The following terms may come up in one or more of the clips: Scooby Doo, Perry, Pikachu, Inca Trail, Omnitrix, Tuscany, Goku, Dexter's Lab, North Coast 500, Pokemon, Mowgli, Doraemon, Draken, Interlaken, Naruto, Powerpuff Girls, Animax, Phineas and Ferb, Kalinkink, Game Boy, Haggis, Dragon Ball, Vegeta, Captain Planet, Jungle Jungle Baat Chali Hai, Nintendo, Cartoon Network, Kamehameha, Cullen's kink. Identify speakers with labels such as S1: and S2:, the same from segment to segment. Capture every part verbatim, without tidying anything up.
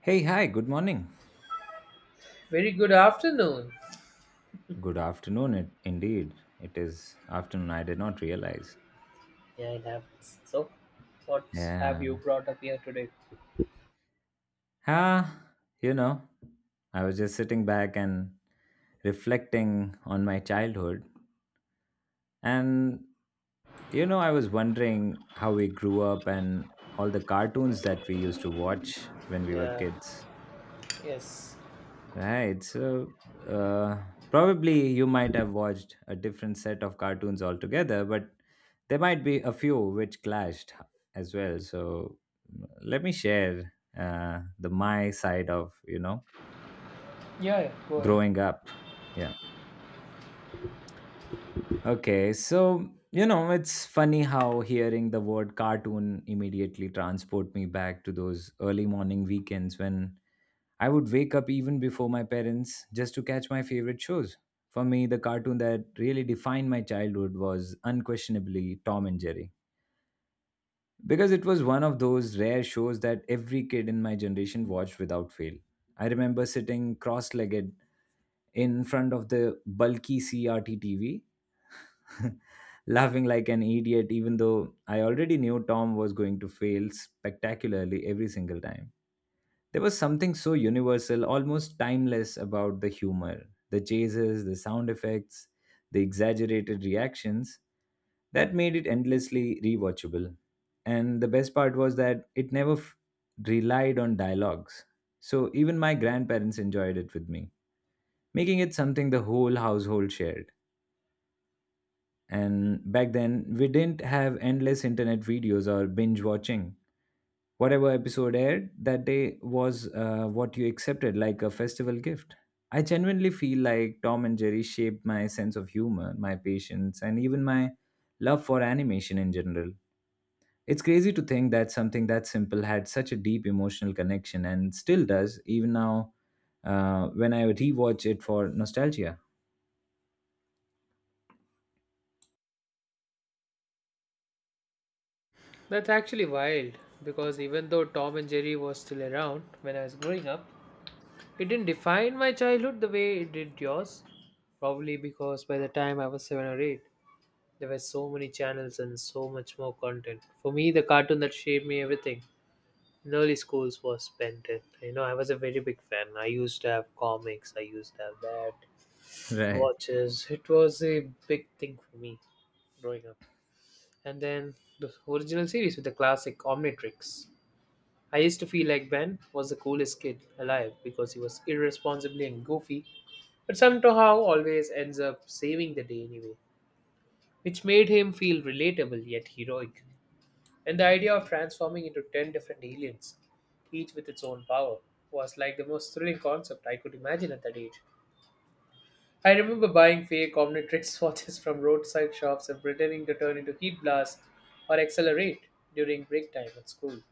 S1: Hey, hi, good morning.
S2: Very good afternoon.
S1: Good afternoon, it, indeed. It is afternoon. I did not realize.
S2: Yeah, it happens. So, what Have
S1: Yeah.
S2: you brought up here today?
S1: Ah, you know, I was just sitting back and reflecting on my childhood. And, you know, I was wondering how we grew up and all the cartoons that we used to watch when we were
S2: yeah,
S1: kids.
S2: yes,
S1: Right. So uh, probably you might have watched a different set of cartoons altogether, but there might be a few which clashed as well. So let me share uh, the my side of you know
S2: Yeah, yeah, go ahead.
S1: growing up. Yeah. Okay. So you know it's funny how hearing the word cartoon immediately transport me back to those early morning weekends when I would wake up even before my parents just to catch my favorite shows. For me, the cartoon that really defined my childhood was unquestionably Tom and Jerry, because it was one of those rare shows that every kid in my generation watched without fail. I remember sitting cross legged in front of the bulky C R T T V, laughing like an idiot, even though I already knew Tom was going to fail spectacularly every single time. There was something so universal, almost timeless about the humor, the chases, the sound effects, the exaggerated reactions that made it endlessly rewatchable. And the best part was that it never f- relied on dialogues. So even my grandparents enjoyed it with me, making it something the whole household shared. And back then, we didn't have endless internet videos or binge watching. Whatever episode aired that day was uh, what you accepted, like a festival gift. I genuinely feel like Tom and Jerry shaped my sense of humor, my patience, and even my love for animation in general. It's crazy to think that something that simple had such a deep emotional connection and still does, even now uh, when I rewatch it for nostalgia.
S2: That's actually wild because even though Tom and Jerry was still around when I was growing up, it didn't define my childhood the way it did yours. Probably because by the time I was seven or eight, there were so many channels and so much more content. For me, the cartoon that shaped me everything in early schools was Ben ten. You know, I was a very big fan. I used to have comics, I used to have that
S1: Right,
S2: watches. It was a big thing for me growing up. And then the original series with the classic Omnitrix. I used to feel like Ben was the coolest kid alive because he was irresponsibly and goofy, but somehow always ends up saving the day anyway, which made him feel relatable yet heroic. And the idea of transforming into ten different aliens, each with its own power, was like the most thrilling concept I could imagine at that age. I remember buying fake Omnitrix watches from roadside shops and pretending to turn into heat blast or accelerate during break time at school.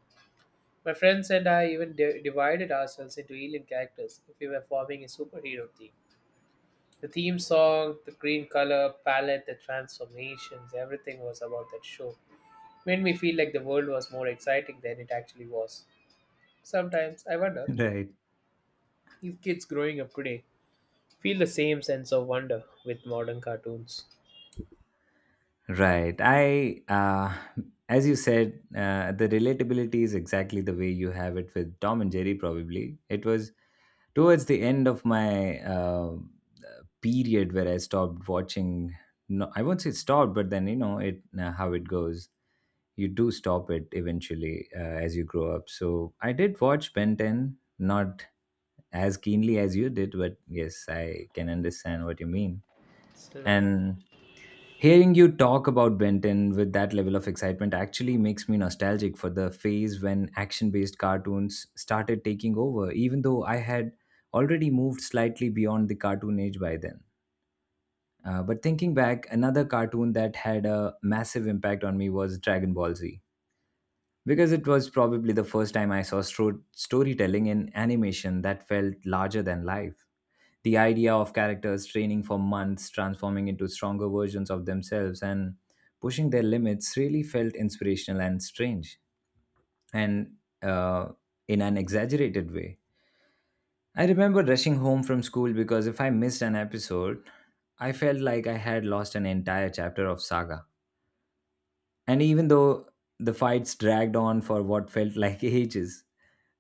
S2: My friends and I even di- divided ourselves into alien characters if we were forming a superhero team. The theme song, the green color palette, the transformations, everything was about that show. Made me feel like the world was more exciting than it actually was. Sometimes I wonder
S1: right.
S2: if kids growing up today feel the same sense of wonder with modern cartoons.
S1: Right. I, uh, as you said, uh, the relatability is exactly the way you have it with Tom and Jerry, probably. It was towards the end of my uh, period where I stopped watching. No, I won't say stopped, but then, you know, it uh, how it goes. You do stop it eventually uh, as you grow up. So I did watch Ben ten, not as keenly as you did, but yes, I can understand what you mean.
S2: Still nice.
S1: And hearing you talk about Benton with that level of excitement actually makes me nostalgic for the phase when action based cartoons started taking over, even though I had already moved slightly beyond the cartoon age by then. Uh, but thinking back, another cartoon that had a massive impact on me was Dragon Ball Z, because it was probably the first time I saw stro- storytelling in animation that felt larger than life, the idea of characters training for months, transforming into stronger versions of themselves, and pushing their limits really felt inspirational and strange, and uh, in an exaggerated way. I remember rushing home from school because if I missed an episode, I felt like I had lost an entire chapter of Saga. And even though the fights dragged on for what felt like ages,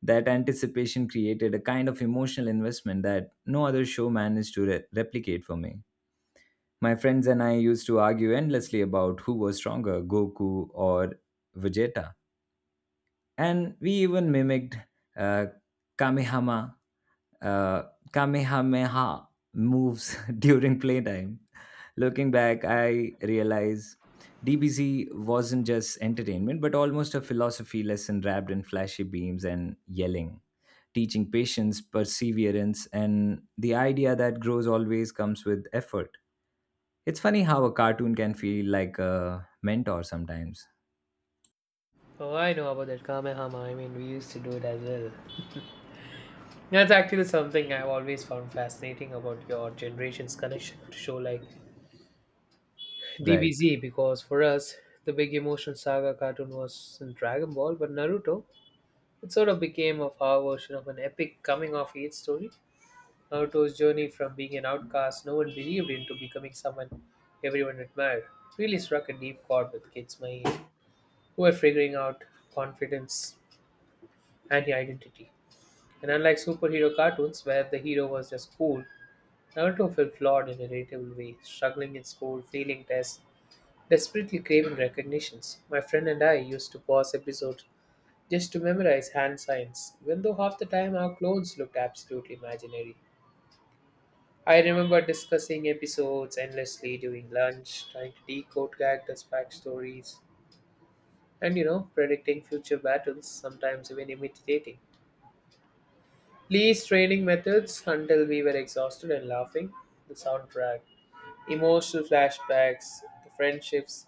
S1: that anticipation created a kind of emotional investment that no other show managed to re- replicate for me. My friends and I used to argue endlessly about who was stronger, Goku or Vegeta. And we even mimicked uh, Kamehama, uh, Kamehameha moves during playtime. Looking back, I realize D B Z wasn't just entertainment, but almost a philosophy lesson wrapped in flashy beams and yelling, teaching patience, perseverance, and the idea that growth always comes with effort. It's funny how a cartoon can feel like a mentor sometimes.
S2: Oh, I know about that Kamehama. I mean, we used to do it as well. That's actually something I've always found fascinating about your generation's connection to show like
S1: Right.
S2: D B Z, because for us, the big emotion saga cartoon was in Dragon Ball, but Naruto, it sort of became of our version of an epic coming of age story. Naruto's journey from being an outcast no one believed in to becoming someone everyone admired really struck a deep chord with kids my age who were figuring out confidence and identity. And unlike superhero cartoons, where the hero was just cool, Naruto felt flawed in a relatable way, struggling in school, failing tests, desperately craving recognitions. My friend and I used to pause episodes just to memorize hand signs, even though half the time our clothes looked absolutely imaginary. I remember discussing episodes endlessly during lunch, trying to decode characters' backstories, and you know, predicting future battles, sometimes even imitating Lee's training methods until we were exhausted and laughing. The soundtrack, emotional flashbacks, the friendships,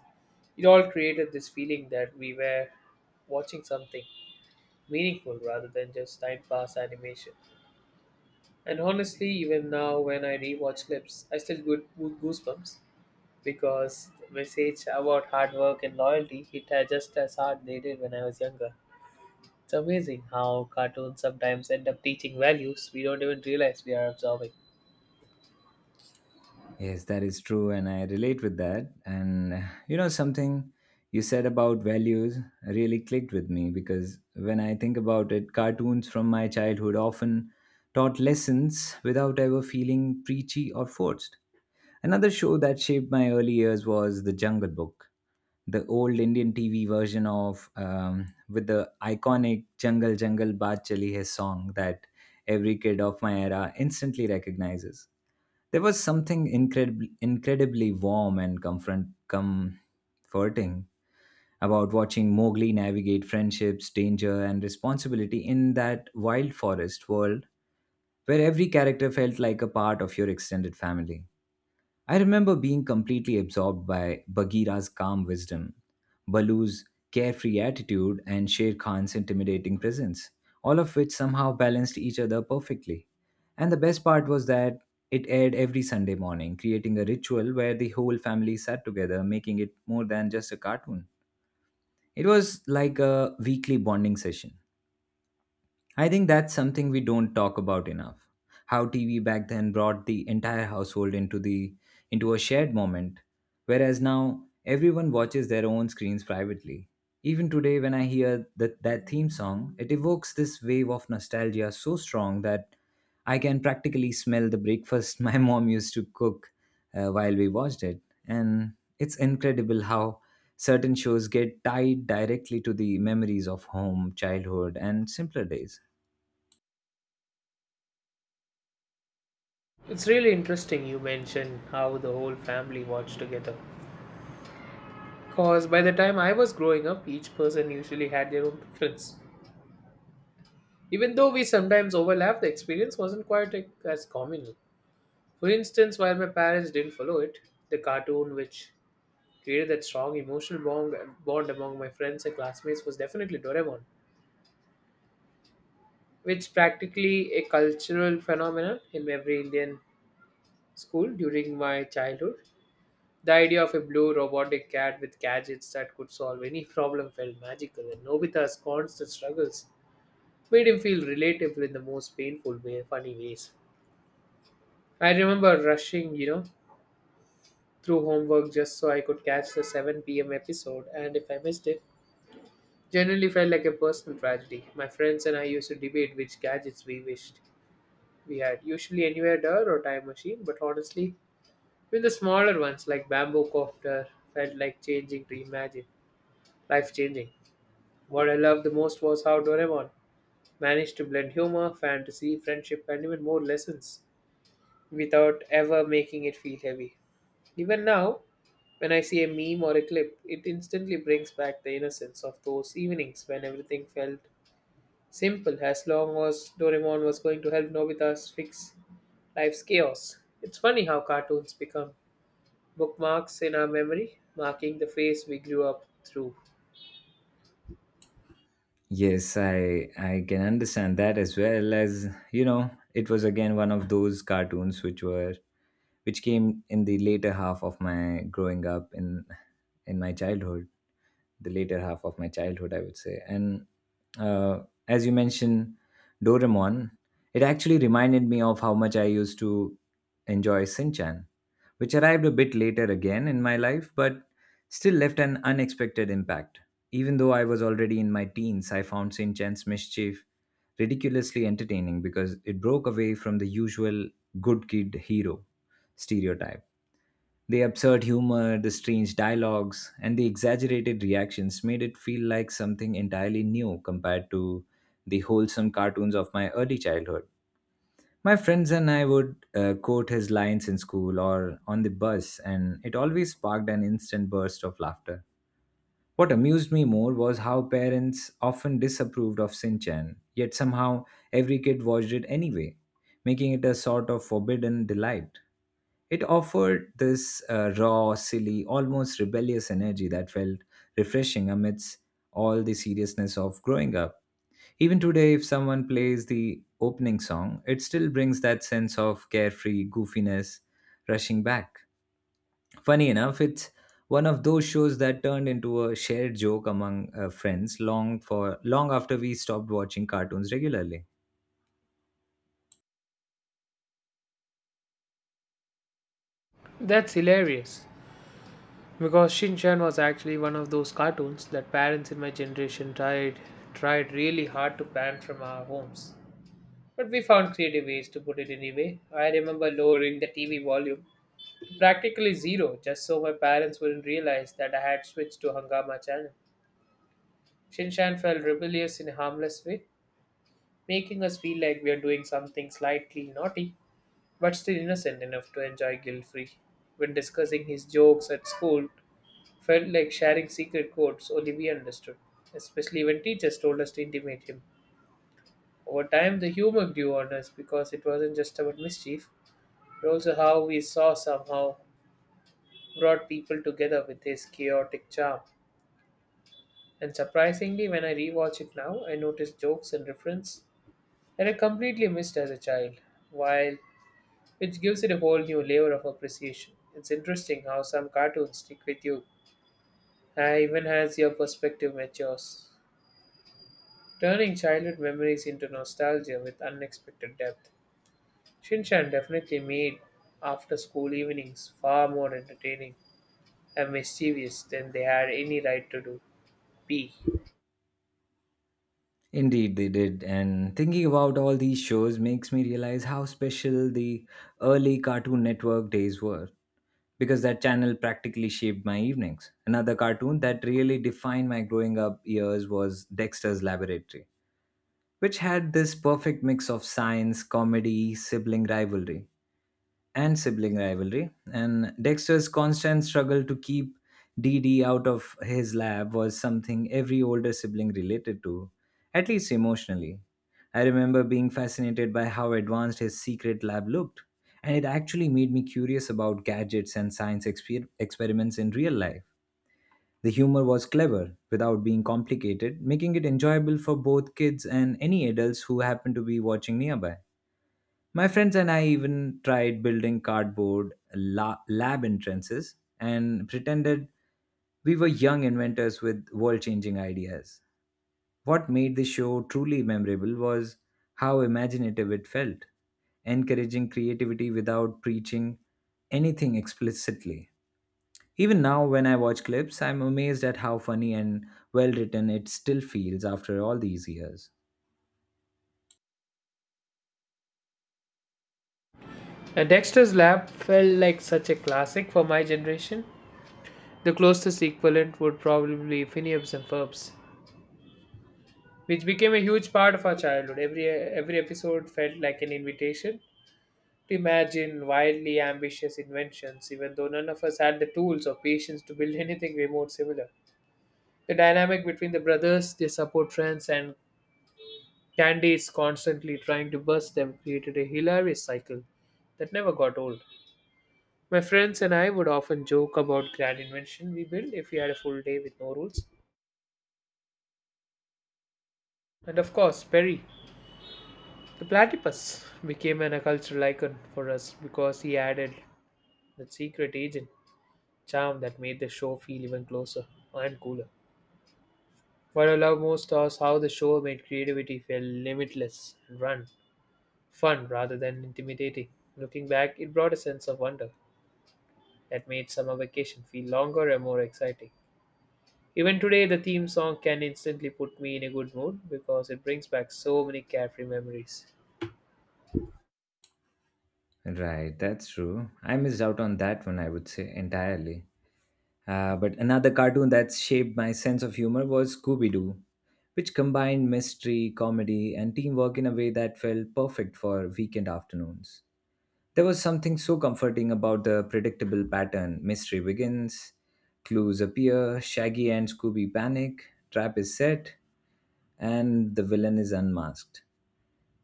S2: it all created this feeling that we were watching something meaningful rather than just time pass animation. And honestly, even now when I rewatch clips, I still get goo- goosebumps because the message about hard work and loyalty hit her just as hard they did when I was younger. It's amazing how cartoons sometimes end up teaching values we don't even realize we are absorbing.
S1: Yes, that is true. And I relate with that. And uh, you know, something you said about values really clicked with me because when I think about it, cartoons from my childhood often taught lessons without ever feeling preachy or forced. Another show that shaped my early years was The Jungle Book, the old Indian T V version of um, with the iconic Jungle Jungle Baat Chali Hai song that every kid of my era instantly recognizes. There was something incredibly, incredibly warm and comfort, comforting about watching Mowgli navigate friendships, danger, and responsibility in that wild forest world where every character felt like a part of your extended family. I remember being completely absorbed by Bagheera's calm wisdom, Balu's carefree attitude, and Sher Khan's intimidating presence, all of which somehow balanced each other perfectly. And the best part was that it aired every Sunday morning, creating a ritual where the whole family sat together, making it more than just a cartoon. It was like a weekly bonding session. I think that's something we don't talk about enough. How T V back then brought the entire household into the into a shared moment, whereas now everyone watches their own screens privately. Even today, when I hear that, that theme song, it evokes this wave of nostalgia so strong that I can practically smell the breakfast my mom used to cook uh, while we watched it. And it's incredible how certain shows get tied directly to the memories of home, childhood, and simpler days.
S2: It's really interesting you mention how the whole family watched together. Because by the time I was growing up, each person usually had their own preference. Even though we sometimes overlap, the experience wasn't quite like, as communal. For instance, while my parents didn't follow it, the cartoon which created that strong emotional bond, bond among my friends and classmates was definitely Doraemon, which practically a cultural phenomenon in every Indian school during my childhood. The idea of a blue robotic cat with gadgets that could solve any problem felt magical, and Nobita's constant struggles made him feel relatable in the most painful way, funny ways. I remember rushing, you know, through homework just so I could catch the seven p m episode, and if I missed it, generally felt like a personal tragedy. My friends and I used to debate which gadgets we wished we had, usually anywhere door or time machine, but honestly, even the smaller ones like bamboo copter felt like changing to imagine, life changing. What I loved the most was how Doraemon managed to blend humor, fantasy, friendship, and even more lessons without ever making it feel heavy. Even now, when I see a meme or a clip, it instantly brings back the innocence of those evenings when everything felt simple as long as Doraemon was going to help Nobita's fix life's chaos. It's funny how cartoons become bookmarks in our memory, marking the phase we grew up through.
S1: Yes, I I can understand that as well. As you know, it was again one of those cartoons which were which came in the later half of my growing up in in my childhood, the later half of my childhood, I would say. And uh, as you mentioned, Doraemon, it actually reminded me of how much I used to enjoy Sinchan, which arrived a bit later again in my life, but still left an unexpected impact. Even though I was already in my teens, I found Shin Chan's Mischief ridiculously entertaining because it broke away from the usual good kid hero stereotype. The absurd humor, the strange dialogues, and the exaggerated reactions made it feel like something entirely new compared to the wholesome cartoons of my early childhood. My friends and I would uh, quote his lines in school or on the bus, and it always sparked an instant burst of laughter. What amused me more was how parents often disapproved of Sinchan, yet somehow every kid watched it anyway, making it a sort of forbidden delight. It offered this uh, raw, silly, almost rebellious energy that felt refreshing amidst all the seriousness of growing up. Even today, if someone plays the opening song, it still brings that sense of carefree goofiness rushing back. Funny enough, it's one of those shows that turned into a shared joke among uh, friends long for long after we stopped watching cartoons regularly.
S2: That's hilarious, because Shin Chan was actually one of those cartoons that parents in my generation tried tried really hard to ban from our homes. But we found creative ways to put it anyway. I remember lowering the T V volume to practically zero just so my parents wouldn't realize that I had switched to Hangama channel. Shin Chan felt rebellious in a harmless way, making us feel like we are doing something slightly naughty, but still innocent enough to enjoy guilt free. When discussing his jokes at school, felt like sharing secret codes only we understood, especially when teachers told us to intimate him. Over time, the humor grew on us because it wasn't just about mischief, but also how we saw somehow brought people together with his chaotic charm. And surprisingly, when I rewatch it now, I notice jokes and reference that I completely missed as a child, while which gives it a whole new layer of appreciation. It's interesting how some cartoons stick with you, uh, even as your perspective matures, turning childhood memories into nostalgia with unexpected depth. Shinshan definitely made after school evenings far more entertaining and mischievous than they had any right to do. P.
S1: Indeed, they did. And thinking about all these shows makes me realize how special the early Cartoon Network days were, because that channel practically shaped my evenings. Another cartoon that really defined my growing up years was Dexter's Laboratory, which had this perfect mix of science, comedy, sibling rivalry and sibling rivalry. And Dexter's constant struggle to keep D D out of his lab was something every older sibling related to, at least emotionally. I remember being fascinated by how advanced his secret lab looked, and it actually made me curious about gadgets and science exper- experiments in real life. The humor was clever without being complicated, making it enjoyable for both kids and any adults who happened to be watching nearby. My friends and I even tried building cardboard la- lab entrances and pretended we were young inventors with world changing ideas. What made the show truly memorable was how imaginative it felt, encouraging creativity without preaching anything explicitly. Even now, when I watch clips, I'm amazed at how funny and well written it still feels after all these years.
S2: And Dexter's Lab felt like such a classic for my generation. The closest equivalent would probably be Phineas and Ferbs, which became a huge part of our childhood. Every every episode felt like an invitation to imagine wildly ambitious inventions, even though none of us had the tools or patience to build anything remote similar. The dynamic between the brothers, their support friends, and Candy's constantly trying to burst them created a hilarious cycle that never got old. My friends and I would often joke about grand invention we built if we had a full day with no rules. And of course, Perry, the platypus, became an a cultural icon for us because he added the secret agent charm that made the show feel even closer and cooler. What I love most was how the show made creativity feel limitless and run fun rather than intimidating. Looking back, it brought a sense of wonder that made summer vacation feel longer and more exciting. Even today, the theme song can instantly put me in a good mood because it brings back so many carefree memories.
S1: Right, that's true. I missed out on that one, I would say, entirely. Uh, but another cartoon that shaped my sense of humor was Scooby Doo, which combined mystery, comedy, and teamwork in a way that felt perfect for weekend afternoons. There was something so comforting about the predictable pattern: mystery begins, clues appear, Shaggy and Scooby panic, trap is set, and the villain is unmasked,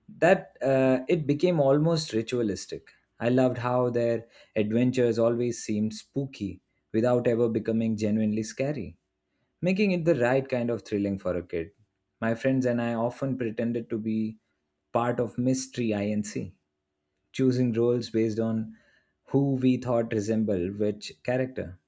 S1: that uh, it became almost ritualistic. I loved how their adventures always seemed spooky without ever becoming genuinely scary, making it the right kind of thrilling for a kid. My friends and I often pretended to be part of Mystery INC, choosing roles based on who we thought resembled which character.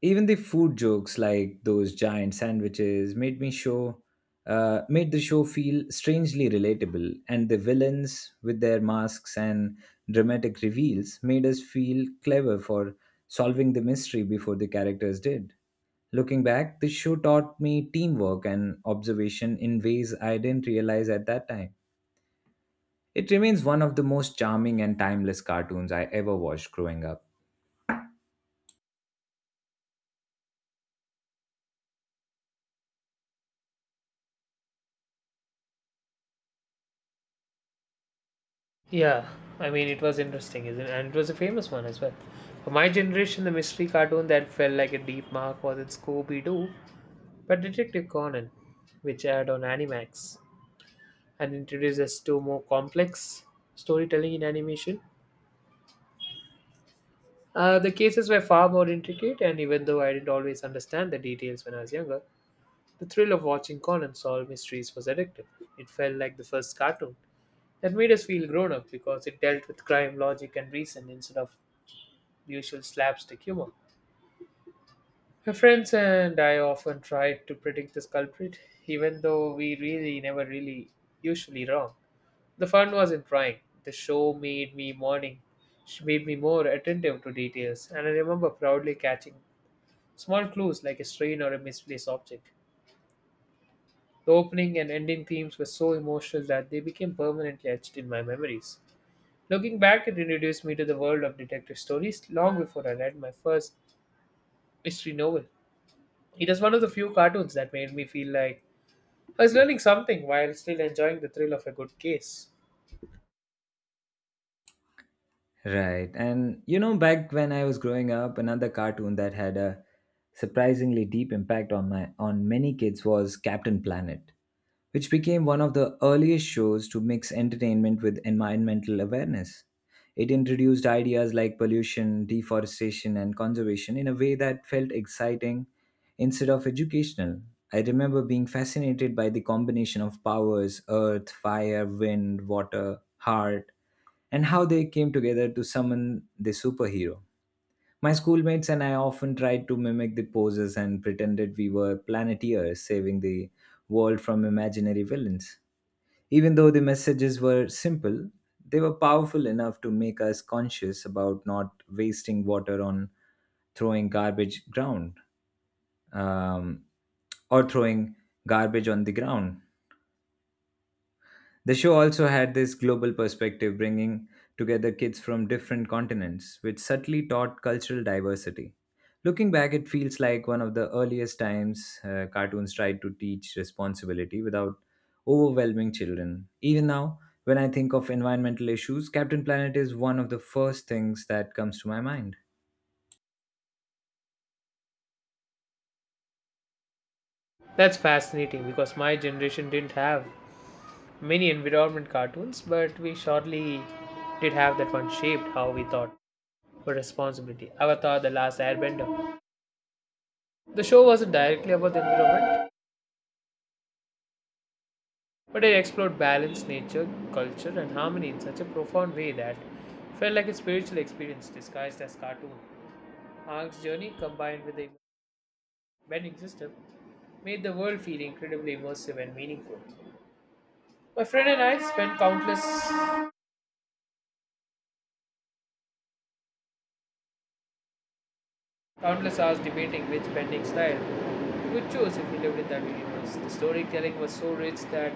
S1: Even the food jokes like those giant sandwiches made me show uh, made the show feel strangely relatable, and the villains with their masks and dramatic reveals made us feel clever for solving the mystery before the characters did. Looking back, the show taught me teamwork and observation in ways I didn't realize at that time. It remains one of the most charming and timeless cartoons I ever watched growing up.
S2: Yeah, I mean, it was interesting, isn't it? And it was a famous one as well. For my generation, the mystery cartoon that felt like a deep mark was in Scooby Doo but Detective Conan, which aired on Animax and introduced us to more complex storytelling in animation. Uh, the cases were far more intricate, and even though I didn't always understand the details when I was younger, the thrill of watching Conan solve mysteries was addictive. It felt like the first cartoon that made us feel grown up because it dealt with crime, logic, and reason instead of usual slapstick humor. My friends and I often tried to predict this culprit, even though we really never really usually wrong. The fun was in trying. The show made me morning, sh- made me more attentive to details, and I remember proudly catching small clues like a strain or a misplaced object. The opening and ending themes were so emotional that they became permanently etched in my memories. Looking back, it introduced me to the world of detective stories long before I read my first mystery novel. It is one of the few cartoons that made me feel like I was learning something while still enjoying the thrill of a good case.
S1: Right. And you know, back when I was growing up, another cartoon that had a surprisingly deep impact on my on many kids was Captain Planet, which became one of the earliest shows to mix entertainment with environmental awareness. It introduced ideas like pollution, deforestation, and conservation in a way that felt exciting instead of educational. I remember being fascinated by the combination of powers earth, fire, wind, water, heart and how they came together to summon the superhero. My schoolmates and I often tried to mimic the poses and pretended we were planeteers saving the world from imaginary villains. Even though the messages were simple, they were powerful enough to make us conscious about not wasting water on throwing garbage ground um, or throwing garbage on the ground. The show also had this global perspective, bringing together kids from different continents, which subtly taught cultural diversity. Looking back, it feels like one of the earliest times uh, cartoons tried to teach responsibility without overwhelming children. Even now, when I think of environmental issues, Captain Planet is one of the first things that comes to my mind.
S2: That's fascinating because my generation didn't have many environment cartoons, but we surely did have that one shaped how we thought for responsibility. Avatar, The Last Airbender. The show wasn't directly about the environment, but it explored balance, nature, culture, and harmony in such a profound way that felt like a spiritual experience disguised as cartoon. Aang's journey, combined with the bending system, made the world feel incredibly immersive and meaningful. My friend and I spent countless Countless hours debating which bending style we would choose if we lived in that universe. The storytelling was so rich that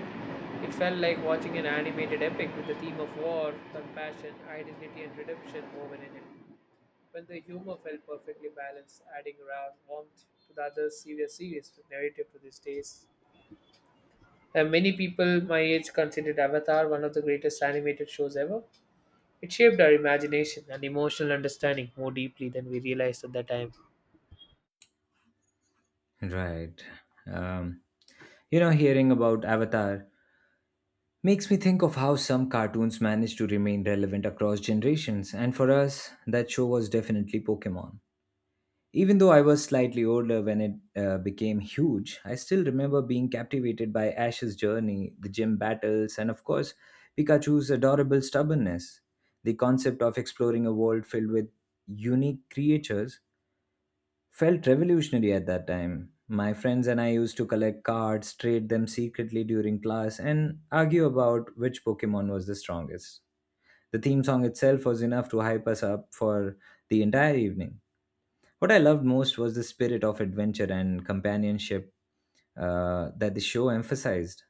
S2: it felt like watching an animated epic with the theme of war, compassion, identity, and redemption woven in it. While the humor felt perfectly balanced, adding raw warmth to the other serious series to narrative to these days. And many people my age considered Avatar one of the greatest animated shows ever. It shaped our imagination and emotional understanding more deeply than we realized at that time.
S1: Right. Um, you know, hearing about Avatar makes me think of how some cartoons manage to remain relevant across generations, and for us, that show was definitely Pokemon. Even though I was slightly older when it uh, became huge, I still remember being captivated by Ash's journey, the gym battles, and of course, Pikachu's adorable stubbornness. The concept of exploring a world filled with unique creatures felt revolutionary at that time. My friends and I used to collect cards, trade them secretly during class, and argue about which Pokemon was the strongest. The theme song itself was enough to hype us up for the entire evening. What I loved most was the spirit of adventure and companionship uh, that the show emphasized,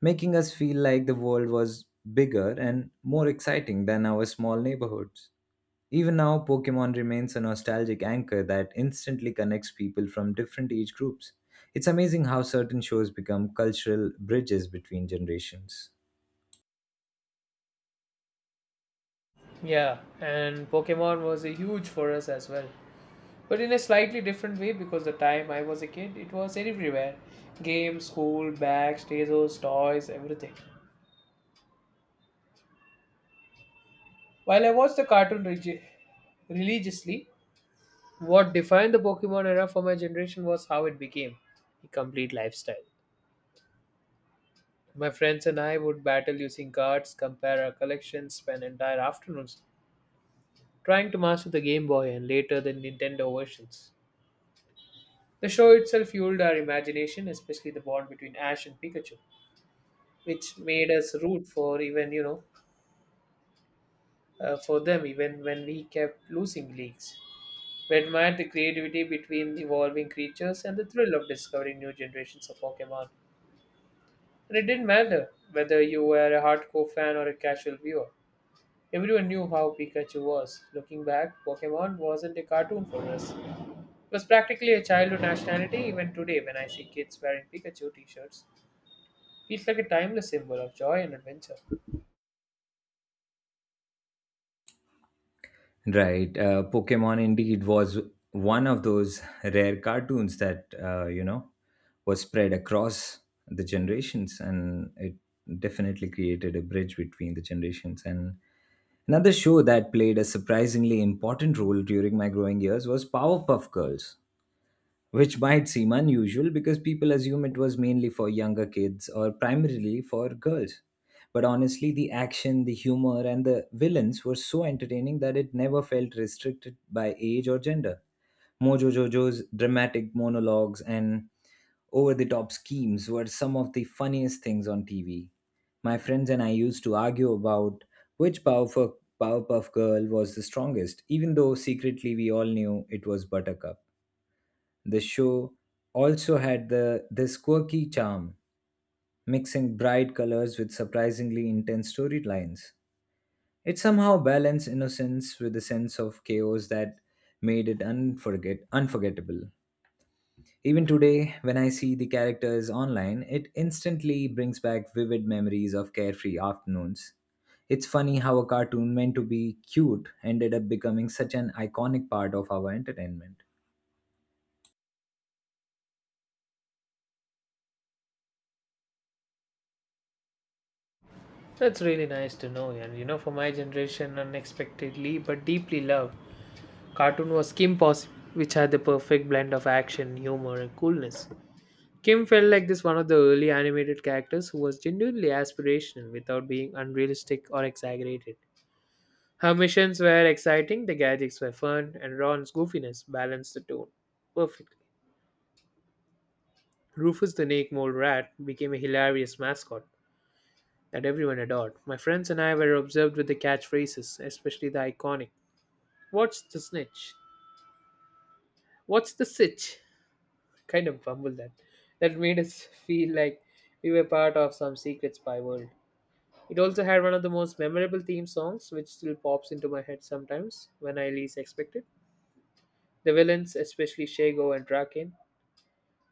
S1: making us feel like the world was bigger and more exciting than our small neighborhoods. Even now, Pokemon remains a nostalgic anchor that instantly connects people from different age groups. It's amazing how certain shows become cultural bridges between generations.
S2: Yeah, and Pokemon was a huge for us as well. But in a slightly different way because the time I was a kid, it was everywhere. Games, school, bags, tazos, toys, everything. While I watched the cartoon regi- religiously, what defined the Pokemon era for my generation was how it became a complete lifestyle. My friends and I would battle using cards, compare our collections, spend entire afternoons trying to master the Game Boy and later the Nintendo versions. The show itself fueled our imagination, especially the bond between Ash and Pikachu, which made us root for even you know uh, for them even when we kept losing leagues. We admired the creativity between the evolving creatures and the thrill of discovering new generations of Pokemon. And it didn't matter whether you were a hardcore fan or a casual viewer. Everyone knew how Pikachu was. Looking back, Pokemon wasn't a cartoon for us. It was practically a childhood nationality even today when I see kids wearing Pikachu t shirts. It's like a timeless symbol of joy and adventure.
S1: Right, uh, Pokemon indeed was one of those rare cartoons that, uh, you know, was spread across the generations and it definitely created a bridge between the generations. And another show that played a surprisingly important role during my growing years was Powerpuff Girls, which might seem unusual because people assume it was mainly for younger kids or primarily for girls. But honestly, the action, the humor, and the villains were so entertaining that it never felt restricted by age or gender. Mojo Jojo's dramatic monologues and over the top schemes were some of the funniest things on T V. My friends and I used to argue about which Powerpuff, Powerpuff Girl was the strongest, even though secretly we all knew it was Buttercup. The show also had the, this quirky charm, mixing bright colors with surprisingly intense storylines. It somehow balanced innocence with a sense of chaos that made it unforget- unforgettable. Even today, when I see the characters online, it instantly brings back vivid memories of carefree afternoons. It's funny how a cartoon meant to be cute ended up becoming such an iconic part of our entertainment.
S2: That's really nice to know, and you know, for my generation, unexpectedly but deeply loved, cartoon was Kim Possible, which had the perfect blend of action, humor, and coolness. Kim felt like this one of the early animated characters who was genuinely aspirational without being unrealistic or exaggerated. Her missions were exciting, the gadgets were fun, and Ron's goofiness balanced the tone perfectly. Rufus the naked Mole Rat became a hilarious mascot that everyone adored. My friends and I were observed with the catchphrases, especially the iconic "What's the snitch? What's the sitch?" kind of bumbled that. That made us feel like we were part of some secret spy world. It also had one of the most memorable theme songs, which still pops into my head sometimes when I least expect it. The villains, especially Shago and Draken,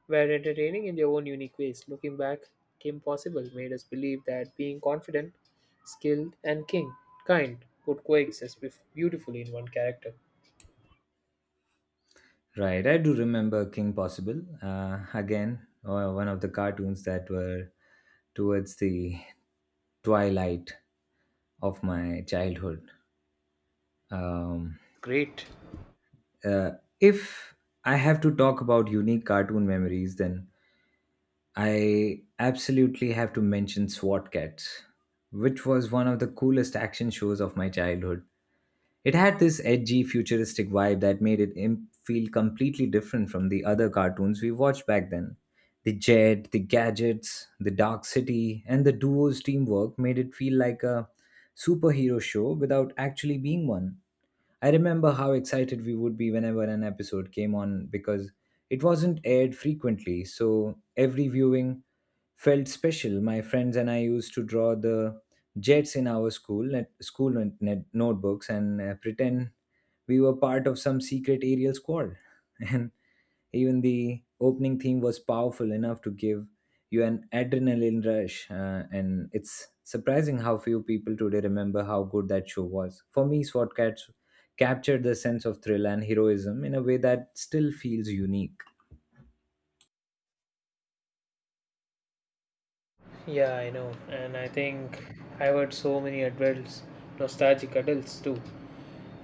S2: were entertaining in their own unique ways. Looking back, Kim Possible made us believe that being confident, skilled, and king, kind could coexist bef- beautifully in one character.
S1: Right, I do remember King Possible. Uh, again, uh, one of the cartoons that were towards the twilight of my childhood. Um,
S2: Great.
S1: uh, if I have to talk about unique cartoon memories, then I absolutely have to mention SWAT Cats, which was one of the coolest action shows of my childhood. It had this edgy, futuristic vibe that made it im- feel completely different from the other cartoons we watched back then. The jet, the gadgets, the dark city, and the duo's teamwork made it feel like a superhero show without actually being one. I remember how excited we would be whenever an episode came on because it wasn't aired frequently, so every viewing felt special. My friends and I used to draw the jets in our school net, school net, net- notebooks and uh, pretend we were part of some secret aerial squad. And even the opening theme was powerful enough to give you an adrenaline rush. Uh, and it's surprising how few people today remember how good that show was. For me, SWAT Cats captured the sense of thrill and heroism in a way that still feels unique.
S2: Yeah, I know. And I think I've heard so many adults, nostalgic adults too.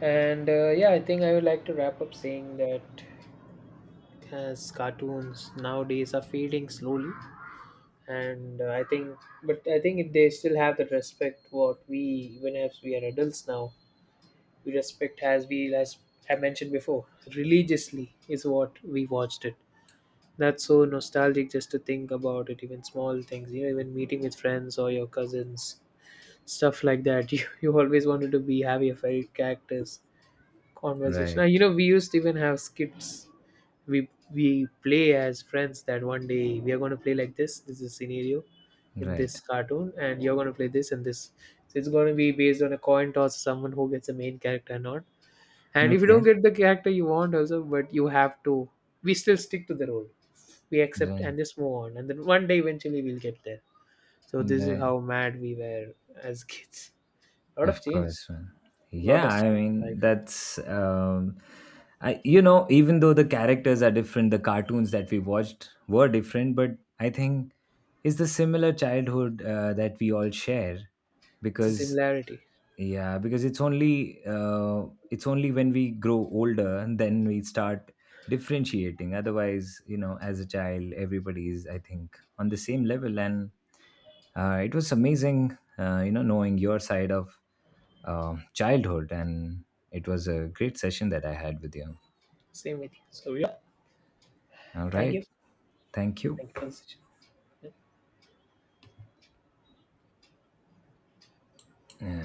S2: And uh, yeah, I think I would like to wrap up saying that as cartoons nowadays are fading slowly. And uh, I think, but I think they still have that respect what we, even as we are adults now, we respect as we as I mentioned before religiously is what we watched it. That's so nostalgic just to think about it. Even small things, you know, even meeting with friends or your cousins, stuff like that. You you always wanted to be have your favorite characters conversation. And, you
S1: Right,
S2: know, we used to even have skits. We we play as friends that one day we are going to play like this. This is scenario in this
S1: right.
S2: cartoon, and you're going to play this and this. So it's going to be based on a coin toss, someone who gets the main character or not. And if you don't
S1: Okay.
S2: get the character you want, also, but you have to, we still stick to the role. We accept
S1: Right,
S2: and just move on. And then one day eventually we'll get there. So this is
S1: right.
S2: how mad we were as kids. A lot of
S1: Of
S2: change.
S1: course, man.
S2: A lot
S1: Yeah,
S2: has
S1: I
S2: changed in life.
S1: mean that's um I you know, even though the characters are different, the cartoons that we watched were different, but I think it's the similar childhood uh, that we all share
S2: It's a
S1: because
S2: similarity.
S1: yeah, because it's only uh, it's only when we grow older and then we start differentiating. Otherwise, you know, as a child, everybody is I think on the same level and uh, it was amazing uh, you know knowing your side of uh, childhood, and it was a great session that I had with you.
S2: Same with you. So yeah.
S1: All
S2: Thank you.
S1: right, thank you.
S2: Thank you for the session.
S1: Uh,